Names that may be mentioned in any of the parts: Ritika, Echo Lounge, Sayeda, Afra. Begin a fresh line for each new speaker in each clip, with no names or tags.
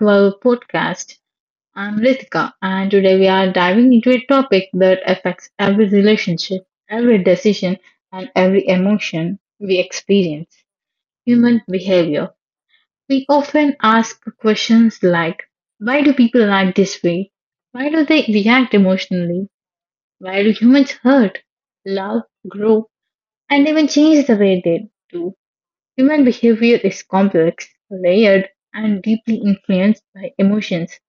to our podcast. I'm Ritika, and today we are diving into a topic that affects every relationship, every decision, and every emotion we experience — human behavior. We often ask questions like: Why do people act this way? Why do they react emotionally? Why do humans hurt, love, grow, and even change the way they do? Human behavior is complex, layered, and deeply influenced by emotions,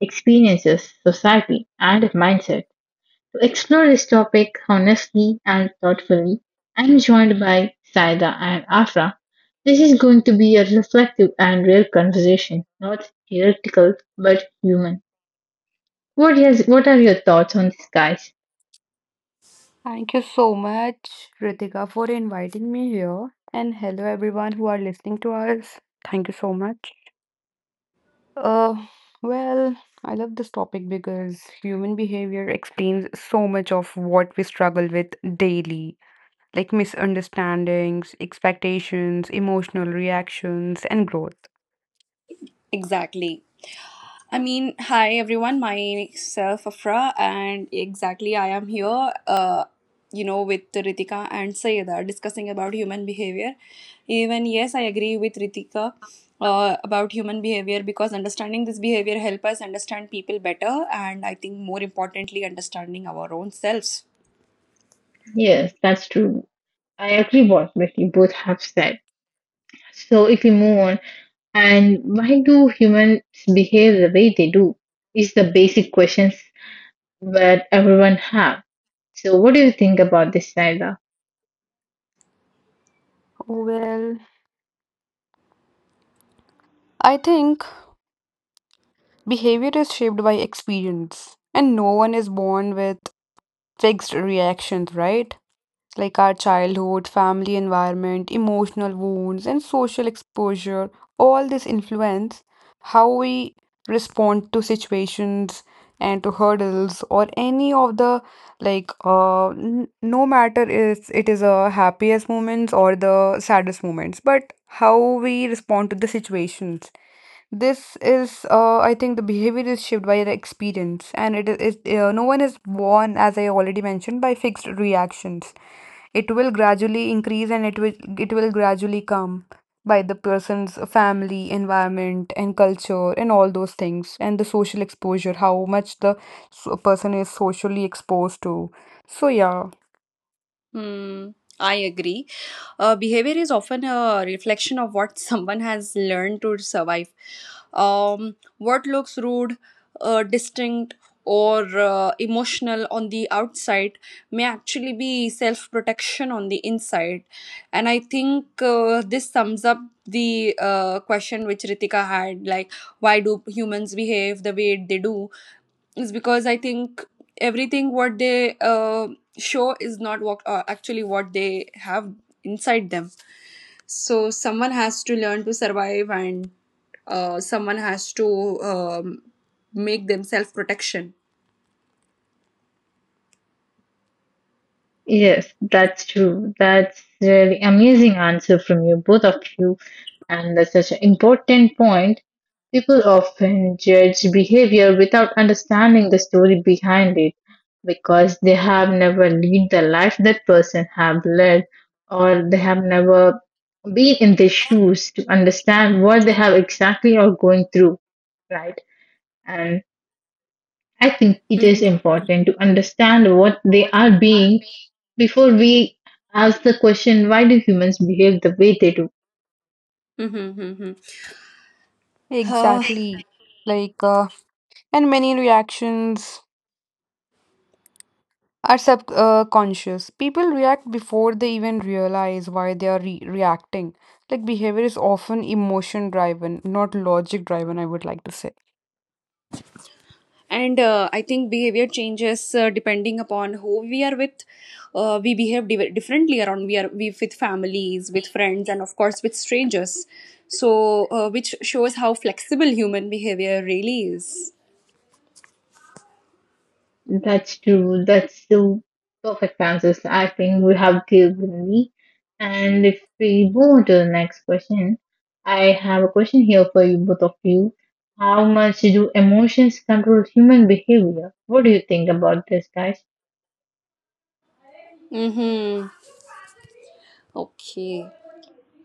experiences, society, and mindset. To explore this topic honestly and thoughtfully, I'm joined by Saida and Afra. This is going to be a reflective and real conversation, not theoretical but human. What are your thoughts on this, guys?
Thank you so much, Ritika, for inviting me here. And hello, everyone who are listening to us. Thank you so much. Uh, well, I love this topic because human behavior explains so much of what we struggle with daily, like misunderstandings, expectations, emotional reactions, and growth.
Exactly. I mean, hi everyone, myself Afra, and exactly I am here, with Ritika and Sayeda discussing about human behavior. Even yes, I agree with Ritika about human behavior because understanding this behavior help us understand people better, and I think more importantly, understanding our own selves.
Yes, that's true. I agree what you both have said. So if we move on. And why do humans behave the way they do? Is the basic questions that everyone have. So, what do you think about this, Naida?
Well, I think behavior is shaped by experience, and no one is born with fixed reactions, right? Like our childhood, family environment, emotional wounds, and social exposure, all this influence how we respond to situations and to hurdles or any of the like no matter is it is a happiest moments or the saddest moments, but how we respond to the situations, this is I think the behavior is shaped by the experience, and no one is born, as I already mentioned, by fixed reactions. It will gradually increase, and it will gradually come by the person's family environment and culture and all those things and the social exposure, how much the person is socially exposed to. So yeah.
Hmm, I agree. Behavior is often a reflection of what someone has learned to survive. What looks rude, distinct, or emotional on the outside may actually be self protection on the inside. And I think this sums up the question which Ritika had, like, why do humans behave the way they do? Is because I think everything what they show is not what actually what they have inside them. So someone has to learn to survive, and someone has to um, make themselves protection.
Yes, that's true. That's really amazing answer from you, both of you. And that's such an important point. People often judge behavior without understanding the story behind it because they have never lived the life that person have led, or they have never been in their shoes to understand what they have exactly are going through, right? And I think it is
Mm-hmm.
important to understand what they are being before we ask the question, why do humans behave the way they do?
Mm-hmm, mm-hmm.
Exactly. Like, uh, and many reactions are subconscious. People react before they even realize why they are re reacting. Like, behavior is often emotion driven, not logic driven, I would like to say.
And I think behavior changes depending upon who we are with. We behave differently around, we with families, with friends, and of course with strangers. So which shows how flexible human behavior really is.
That's true. That's the perfect answers I think we have given me. And if we move on to the next question, I have a question here for you, both of you. How much do emotions control human behavior? What do you think about this, guys?
Mm-hmm. Okay.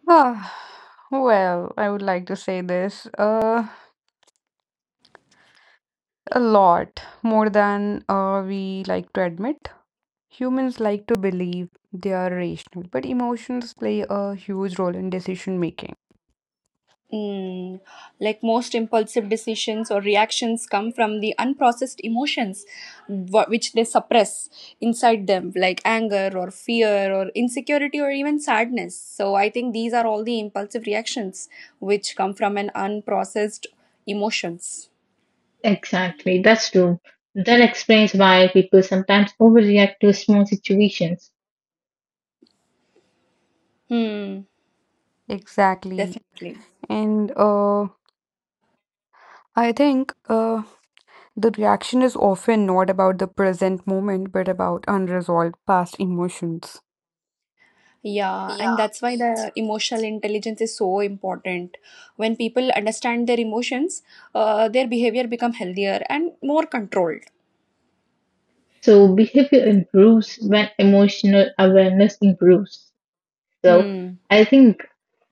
Ah, well, I would like to say this a lot more than we like to admit. Humans like to believe they are rational, but emotions play a huge role in decision making.
Mm, like most impulsive decisions or reactions come from the unprocessed emotions, which they suppress inside them, like anger or fear or insecurity or even sadness. So I think these are all the impulsive reactions which come from an unprocessed emotions.
Exactly, that's true. That explains why people sometimes overreact to small situations.
Hmm.
Exactly.
Definitely.
And I think the reaction is often not about the present moment, but about unresolved past emotions.
Yeah. And that's why the emotional intelligence is so important. When people understand their emotions, their behavior become healthier and more controlled.
So behavior improves when emotional awareness improves. So
Hmm.
I think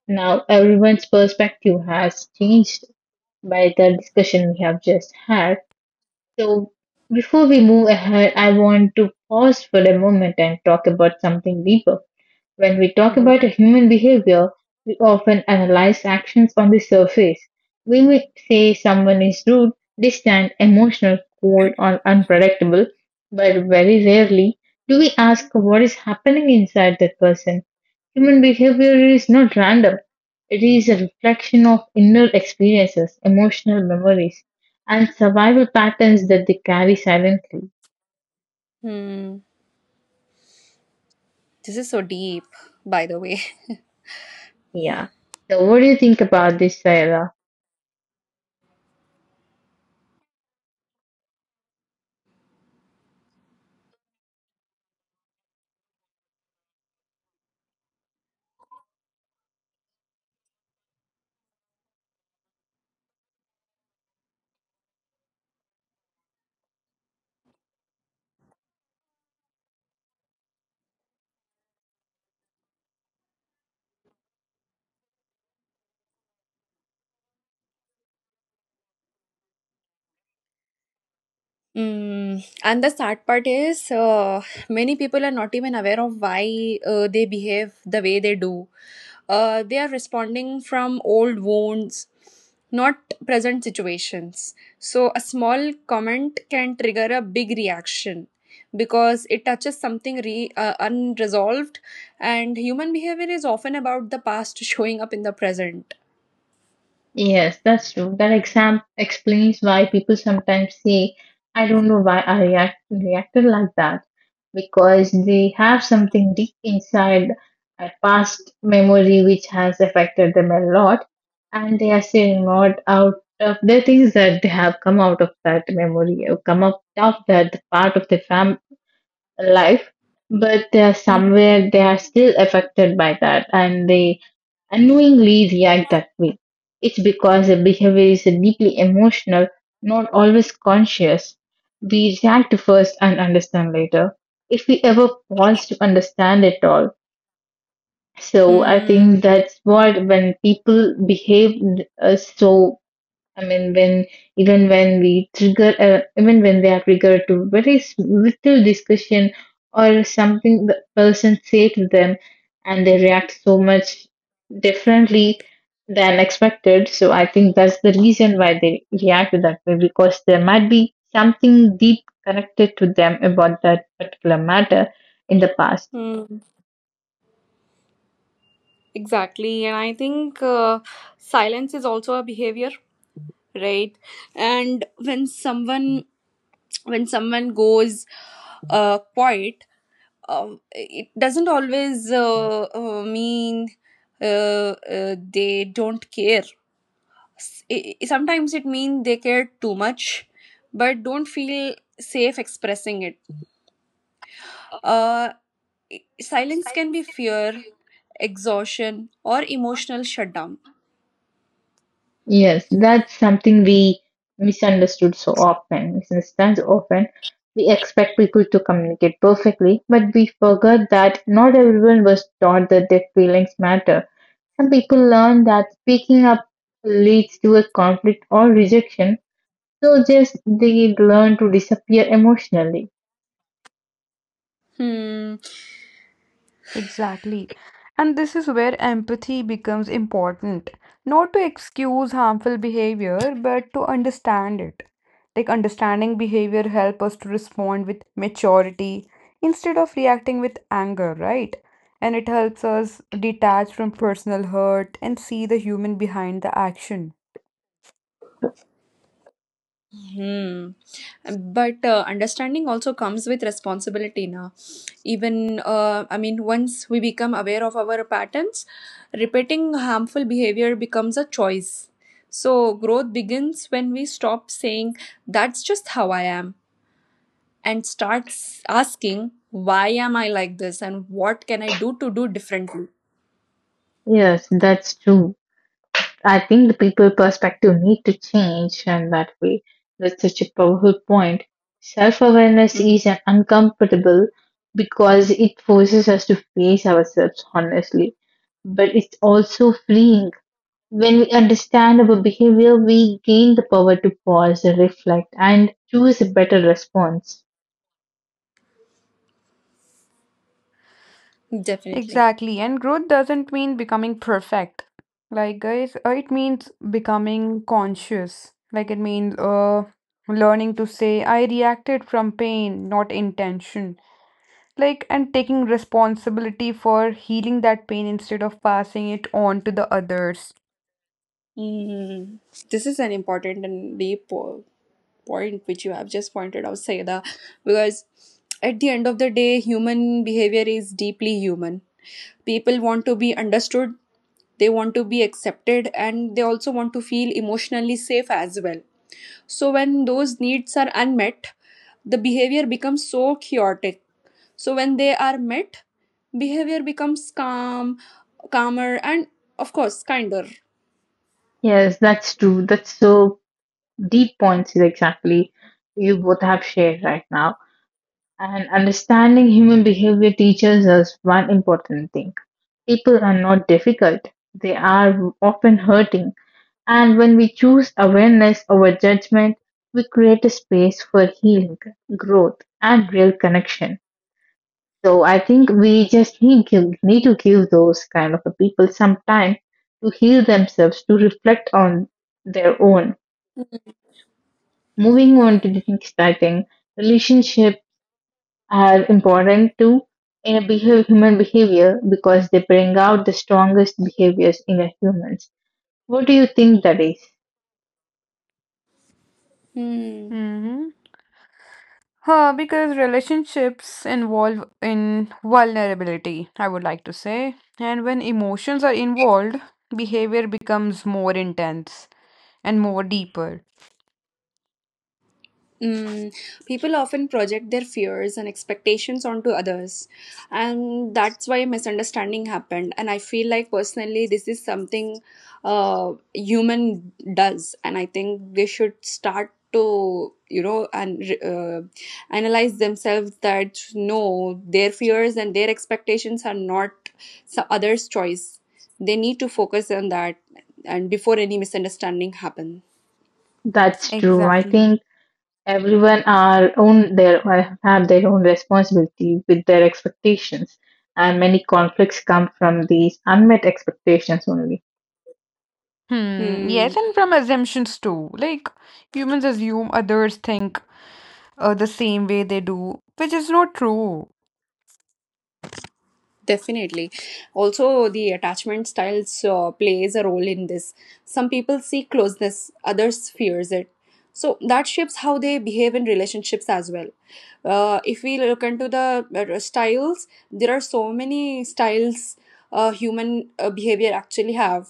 now everyone's perspective has changed by the discussion we have just had. So before we move ahead, I want to pause for a moment and talk about something deeper. When we talk
Mhm.
about a human behavior, we often analyze actions on the surface. We may say someone is rude, distant, emotional, cold, or unpredictable, but very rarely do we ask what is happening inside that person. Human behavior is not random; it is a reflection of inner experiences, emotional memories, and survival patterns that they carry silently.
Hmm. This is so deep, by the way.
Yeah. So, what do you think about this, Sarah?
Mm. And the sad part is, many people are not even aware of why they behave the way they do. They are responding from old wounds, not present situations. So, a small comment can trigger a big reaction because it touches something unresolved, and human behavior is often about the past showing up in the present.
Yes, that's true. That exam explains why people sometimes say, I don't know why I reacted like that. Because they have something deep inside, a past memory which has affected them a lot, and they are still not out of the things that they have come out of that memory, or come out of that part of the fam life, but they are
Mhm.
somewhere they are still affected by that, and they unknowingly react that way. It's because the behavior is deeply emotional, not always conscious. We react first and understand later, if we ever pause to understand it all. So I
Hmm.
think that's what when people behave, so I mean, when even even when they are triggered to very little discussion or something the person say to them, and they react so much differently than expected. So I think that's the reason why they react that way because there might be something deep connected to them about that particular matter in the past.
Mm, exactly. And I think silence is also a behavior, right? And when someone goes quiet, it doesn't always mean they don't care. Sometimes it means they care too much, but don't feel safe expressing it.
Uh,
Uh, silence can be
silence can be
fear,
fuel
exhaustion, or
or
emotional shutdown.
Yes, that's something we misunderstood so often. Misunderstand so often. We expect people to communicate perfectly, but we forget that not everyone was taught that their feelings matter. Some people learn that speaking up leads to a conflict or rejection, so just they learn to disappear emotionally.
Hmm.
exactly. And this is where empathy becomes important. Not to excuse harmful behavior, but to understand it. Like, understanding behavior help us to respond with maturity instead of reacting with anger, right? And it helps us detach from personal hurt and see the human behind the action.
Hmm. But understanding also comes with responsibility now. Even, I mean, once we become aware of our patterns, repeating harmful behavior becomes a choice. So, growth begins when we stop saying, that's just how I am, and starts asking, why am I like this, and what can I do to do differently?
Yes, that's true. I think the people perspective need to change in that way. That's such a powerful point. Self awareness
Hmm.
is an uncomfortable because it forces us to face ourselves honestly, but it's also freeing. When we understand our behavior, we gain the power to pause, reflect, and choose a better response.
Definitely.
Exactly. And growth doesn't mean becoming perfect. Like, guys, it means becoming conscious. Like, it means learning to say, I reacted from pain, not intention. Like, and taking responsibility for healing that pain instead of passing it on to the others.
Mm. This is an important and deep point which you have just pointed out, Sayeda, because at the end of the day, human behavior is deeply human. People want to be understood, they want to be accepted, and they also want to feel emotionally safe as well. So, when those needs are unmet, the behavior becomes so chaotic. So, when they are met, behavior becomes calm, calmer, and of course, kinder.
Yes, that's true. That's so deep points exactly you both have shared right now. And understanding human behavior teaches us one important thing. People are not difficult, they are often hurting. And when we choose awareness over judgment, we create a space for healing, growth, and real connection. So I think we just need to give those kind of a people some time to heal themselves, to reflect on their own. Moving on to the next, I think relationship are important to human behavior because they bring out the strongest behaviors in a humans. What do you think that is?
Hmm.
Mm-hmm. Because relationships involve in vulnerability, I would like to say. And when emotions are involved, behavior becomes more intense and more deeper.
Mm, people often project their fears and expectations onto others, and that's why misunderstanding happened. And I feel like personally, this is something human does, and I think they should start to and analyze themselves that no, their fears and their expectations are not some others' choice. They need to focus on that, and before any misunderstanding happen.
That's true. I
Exactly.
think everyone are own their or have their own responsibility with their expectations, and many conflicts come from these unmet expectations only.
Hmm,
Hmm.
yes, and from assumptions too. Like, humans assume others think the same way they do, which is not true.
Definitely. Also, the attachment styles plays a role in this. Some people seek closeness, others fears it. So that shapes how they behave in relationships as well. If we look into the styles, there are so many styles human behavior actually have.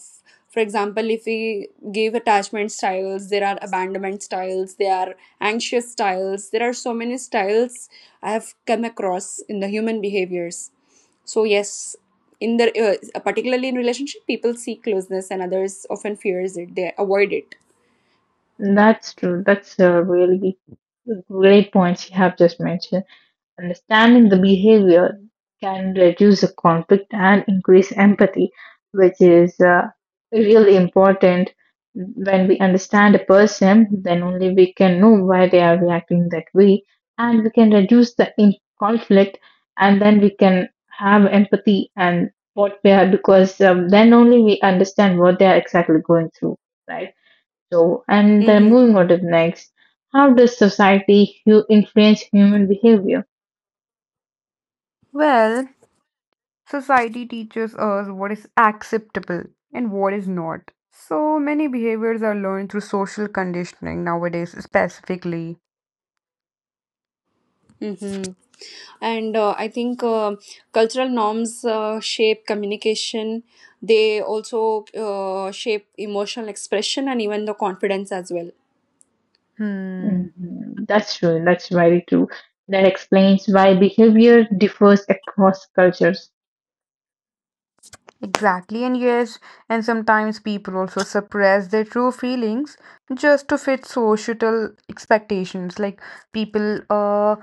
For example, if we give attachment styles, there are abandonment styles, there are anxious styles. There are so many styles I have come across in the human behaviors. So yes, in the particularly in relationship, people seek closeness, and others often fears it. They avoid it.
That's true. That's a really great points you have just mentioned. Understanding the behavior can reduce the conflict and increase empathy, which is really important. When we understand a person, then only we can know why they are reacting that way, and we can reduce the conflict, and then we can have empathy and what they are, because then only we understand what they are exactly going through, right? So, and then
Mm-hmm.
moving on to the next, how does society influence human behavior?
Well, society teaches us what is acceptable and what is not. So many behaviors are learned through social conditioning nowadays, specifically.
Mm-hmm. And I think cultural norms shape communication. They also shape emotional expression and even the confidence as well.
Hmm.
Mhm. That's true. That's very true. That explains why behavior differs across cultures.
Exactly, and yes, and sometimes people also suppress their true feelings just to fit societal expectations. Like, people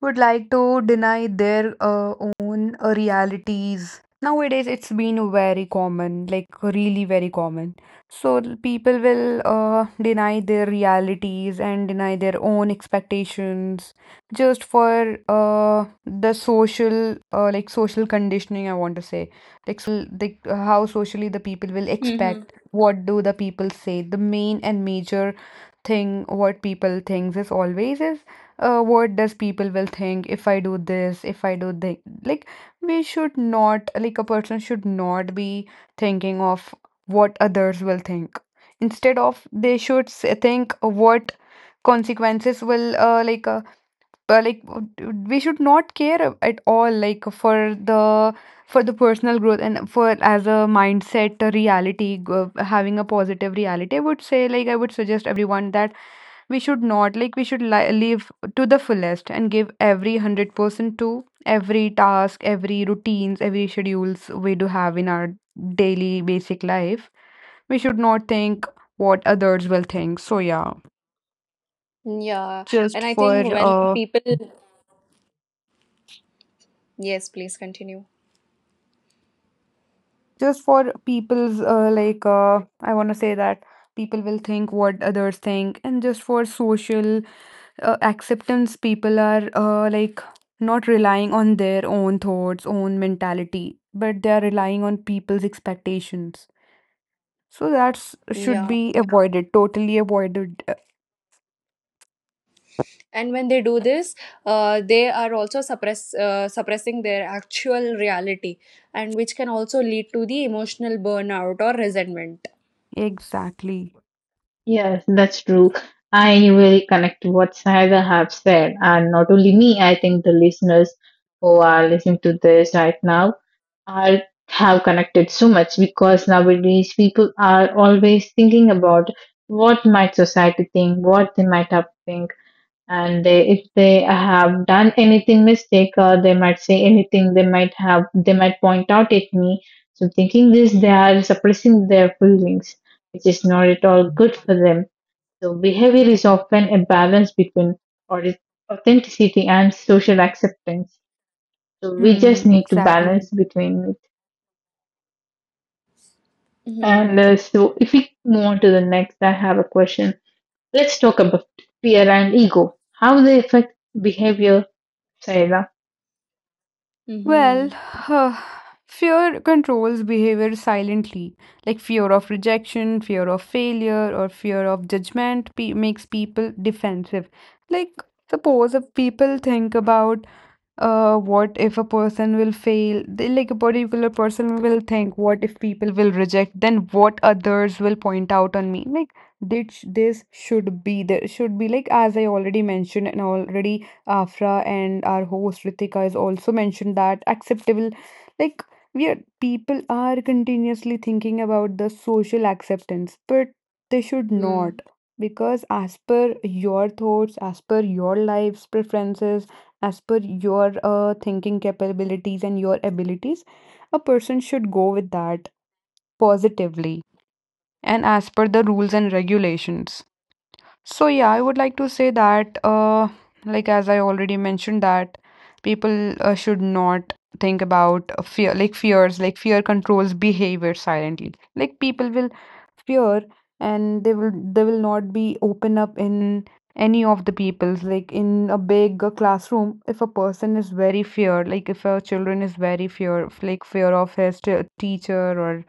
would like to deny their own realities. Nowadays, it's been very common, like really very common. So people will deny their realities and deny their own expectations just for the social conditioning, I want to say, like social, like how socially the people will
Mm-hmm.
expect. What do the people say? The main and major thing what people thinks is always is what does people will think if I do this, if I do this. Like, we should not, like, a person should not be thinking of what others will think. Instead of, they should think what consequences will, like, but like w- w- we should not care at all, like the for the personal growth and for as a mindset, a reality, having a positive reality, I would say. Like, I would suggest everyone that we should not, like, we should live to the fullest and give every 100% to every task, every routines, every schedules we do have in our daily basic life. We should not think what others will think. So yeah,
Yeah.
just
And I
for
think when
uh
people. Yes, please continue.
just for people's I want to say that people will think what others think, and just for social acceptance, people are like not relying on their own thoughts, own mentality, but they are relying on people's expectations. So that should
Yeah.
be avoided, totally avoided. Uh,
And when they do this, they are also suppressing their actual reality, and which can also lead to the emotional burnout or resentment.
exactly
Yes, that's true. I really connect to what Saida have said, and not only me, I think the listeners who are listening to this right now are have connected so much because nowadays people are always thinking about what might society think, what they might have think, and they, if they have done anything mistake, they might say anything, they might point out at me, so thinking this they are suppressing their feelings, which is not at all good for them. So behavior is often a balance between aut- authenticity and social acceptance. So we
Hmm,
just need to balance
exactly.
between it, and
Hmm.
so if we move on to the next, I have a question. Let's talk about fear and ego, how they affect behavior, Saira.
Well,
Hmm.
fear controls behavior silently, like fear of rejection, fear of failure, or fear of judgment makes people defensive. Like, suppose if people think about what if a person will fail? Like, a particular person will think, what if people will reject? Then what others will point out on me? Like this should be, there should be, like as I already mentioned and already Afra and our host Ritika is also mentioned that acceptable, like we are, people are continuously thinking about the social acceptance, but they should
Hmm.
not, because as per your thoughts, as per your life's preferences, as per your thinking capabilities and your abilities, a person should go with that positively and as per the rules and regulations. So yeah, I would like to say that, like as I already mentioned, that people should not think about fears, like fear controls behavior silently. Like, people will fear, and they will not be open up in any of the people's, like in a big classroom. If a person is very fear, like if a children is very fear, like fear of his teacher or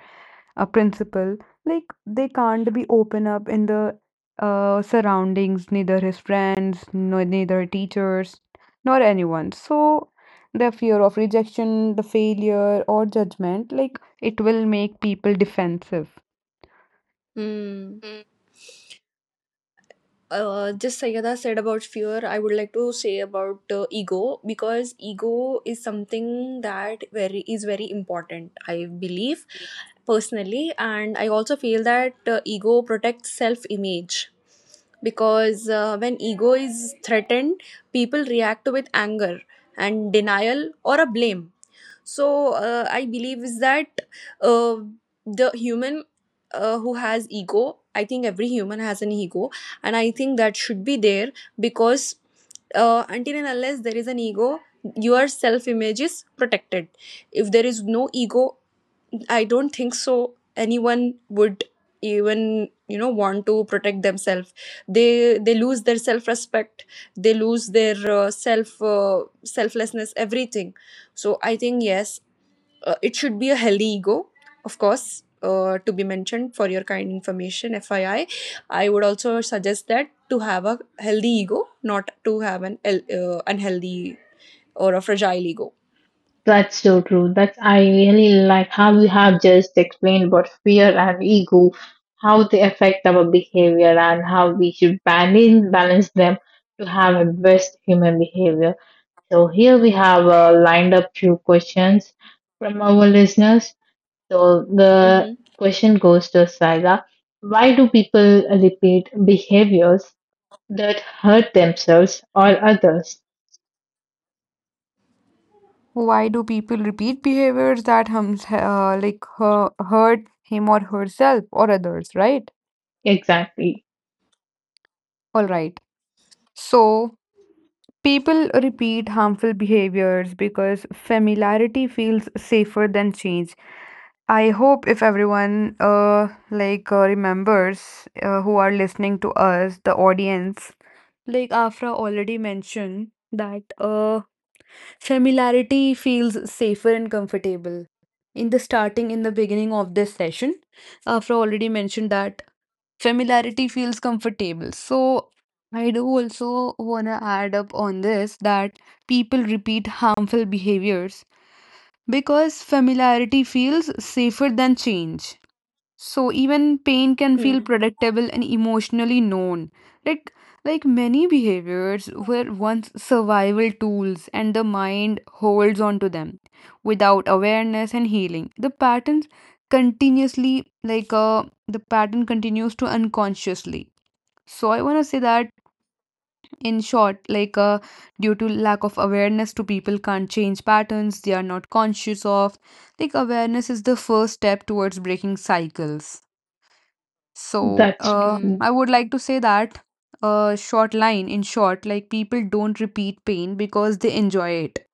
a principal, like they can't be open up in the surroundings, neither his friends, no, neither teachers nor anyone. So the fear of rejection, the failure or judgment, like it will make people defensive.
Hmm.
Mm,
Just Sayyada said about fear, I would like to say about ego, because ego is something that very is very important. I believe personally, and I also feel that ego protects self image, because when ego is threatened, people react with anger and denial or a blame. So I believe is that uh, the human who has ego. I think every human has an ego, and I think that should be there, because until and unless there is an ego, your self image is protected. If there is no ego, I don't think so anyone would even want to protect themselves. They lose their self respect, they lose their selflessness, everything. So I think yes, it should be a healthy ego, of course, to be mentioned for your kind information, FYI. I would also suggest that to have a healthy ego, not to have an unhealthy or a fragile ego.
That's so true. That's I really like how you have just explained about fear and ego, how they affect our behavior and how we should balance them to have a best human behavior. So here we have lined up few questions from our listeners. So the
Mm-hmm.
question goes to Saga. Why do people repeat behaviors that hurt themselves or others?
why do people repeat behaviors that hums, like hurt him or herself or others, right?
Exactly.
All right. So people repeat harmful behaviors because familiarity feels safer than change. I hope if everyone remembers, who are listening to us, the audience, like Afra already mentioned that familiarity feels safer and comfortable. In the starting, in the beginning of this session, Afra already mentioned that familiarity feels comfortable. So I do also want to add up on this, that people repeat harmful behaviors because familiarity feels safer than change. So even pain can feel predictable and emotionally known. Like like many behaviors were once survival tools, and the mind holds on to them without awareness and healing. The patterns continuously, like the pattern continues to unconsciously. So I want to say that, in short, like due to lack of awareness, two people can't change patterns they are not conscious of. Like, awareness is the first step towards breaking cycles. So,
That's
Mm-hmm.
true.
I would like to say that, short line in short, like people don't repeat pain because they enjoy it.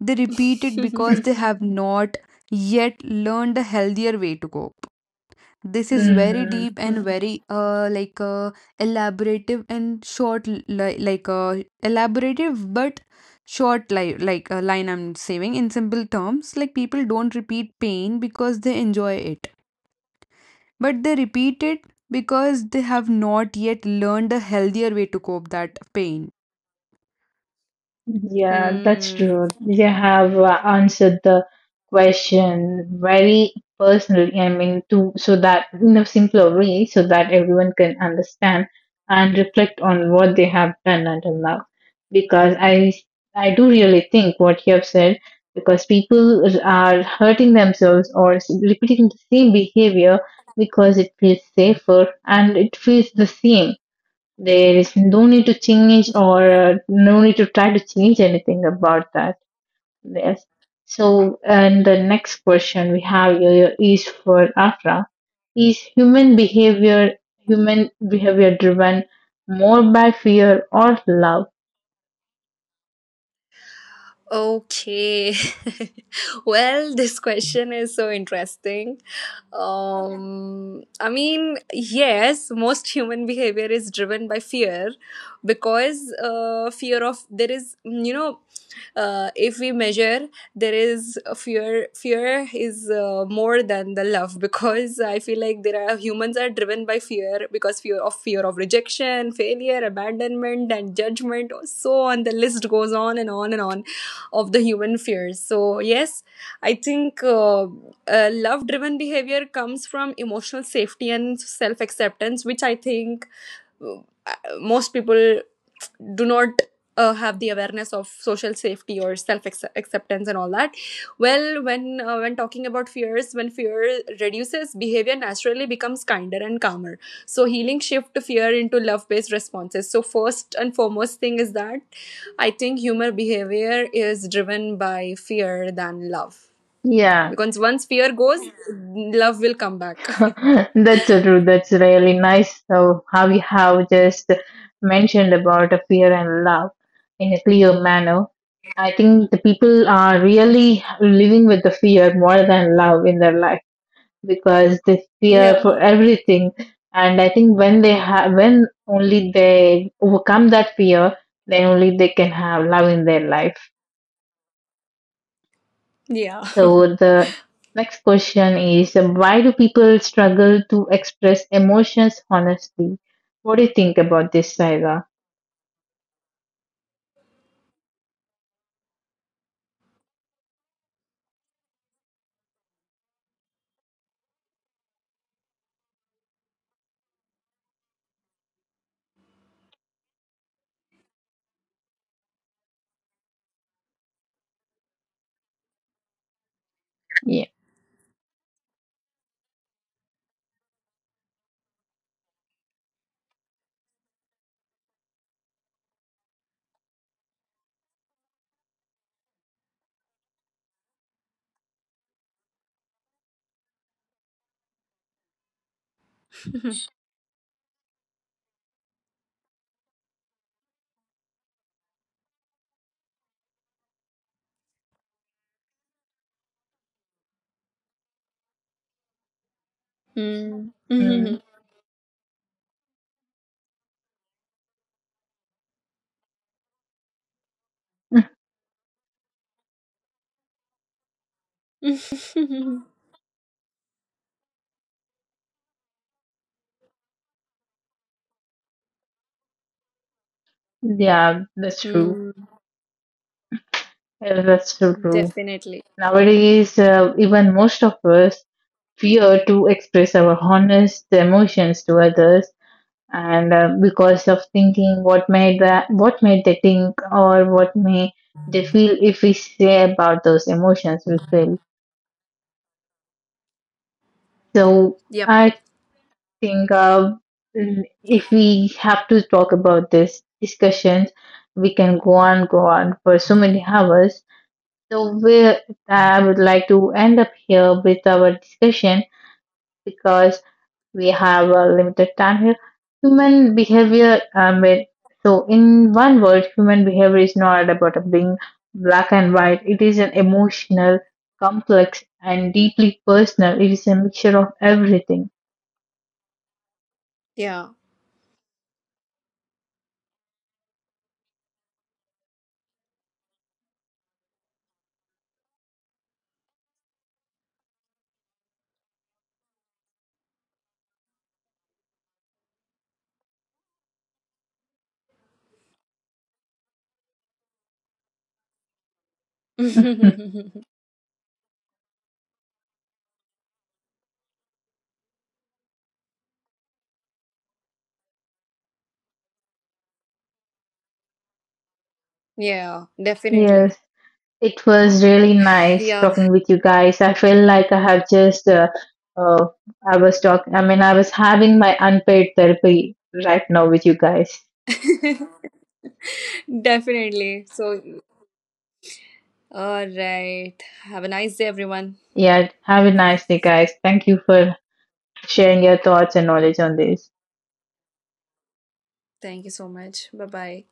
They repeat it because they have not yet learned a healthier way to cope. This is very
Mhm.
deep and very elaborative and short li like elaborative but short li like line I'm saving in simple terms. Like, people don't repeat pain because they enjoy it, but they repeat it because they have not yet learned a healthier way to cope that pain.
Yeah, that's true.
Mm-hmm.
You have answered the question very personally. I mean, to so that in a simpler way, so that everyone can understand and reflect on what they have done until now. Because I do really think what you have said. Because people are hurting themselves or repeating the same behavior because it feels safer and it feels the same. There is no need to change, or no need to try to change anything about that. Yes. So, and the next question we have here is for Afra. Is human behavior driven more by fear or love?
Okay. Well, this question is so interesting. I mean, yes, most human behavior is driven by fear, because fear of there is, if we measure, there is a fear. Fear is more than the love because I feel like there are humans are driven by fear, because fear of rejection, failure, abandonment, and judgment. So on the list goes on and on and on of the human fears. So, yes, I think love driven behavior comes from emotional safety and self acceptance, which I think uh, most people do not have the awareness of social safety or self acceptance and all that. Well, when talking about fears, when fear reduces, behavior naturally becomes kinder and calmer. So healing shift fear into love based responses. So first and foremost thing is that I think human behavior is driven by fear than love,
Yeah.
because once fear goes, love will come back.
That's so true. That's really nice. So, how you have just mentioned about the fear and love in a clear manner. I think the people are really living with the fear more than love in their life because they fear for
Yeah,
everything. And I think when only they overcome that fear, then only they can have love in their life.
yeah.
So the next question is, why do people struggle to express emotions honestly? What do you think about this, Saira? Yeah.
Mm.
Mm.
Mhm.
Yeah, that's true.
Hmm,
Yeah, that's so true.
definitely.
Nowadays, even most of us fear to express our honest emotions to others, and because of thinking what may they think, or what may they feel if we say about those emotions we feel. So
Yep.
I think if we have to talk about this discussions, we can go on for so many hours. So I would like to end up here with our discussion because we have a limited time here. Human behavior, um, it- so in one word, human behavior is not about being black and white. It is an emotional, complex, and deeply personal. It is a mixture of everything.
Yeah. Yeah, definitely.
Yes. It was really nice
Yeah.
talking with you guys. I feel like I have just, uh, I was talking, I mean, I was having my unpaid therapy right now with you guys.
Definitely. So, all right. Have a nice day, everyone.
Yeah, have a nice day, guys. Thank you for sharing your thoughts and knowledge on this.
Thank you so much. Bye bye.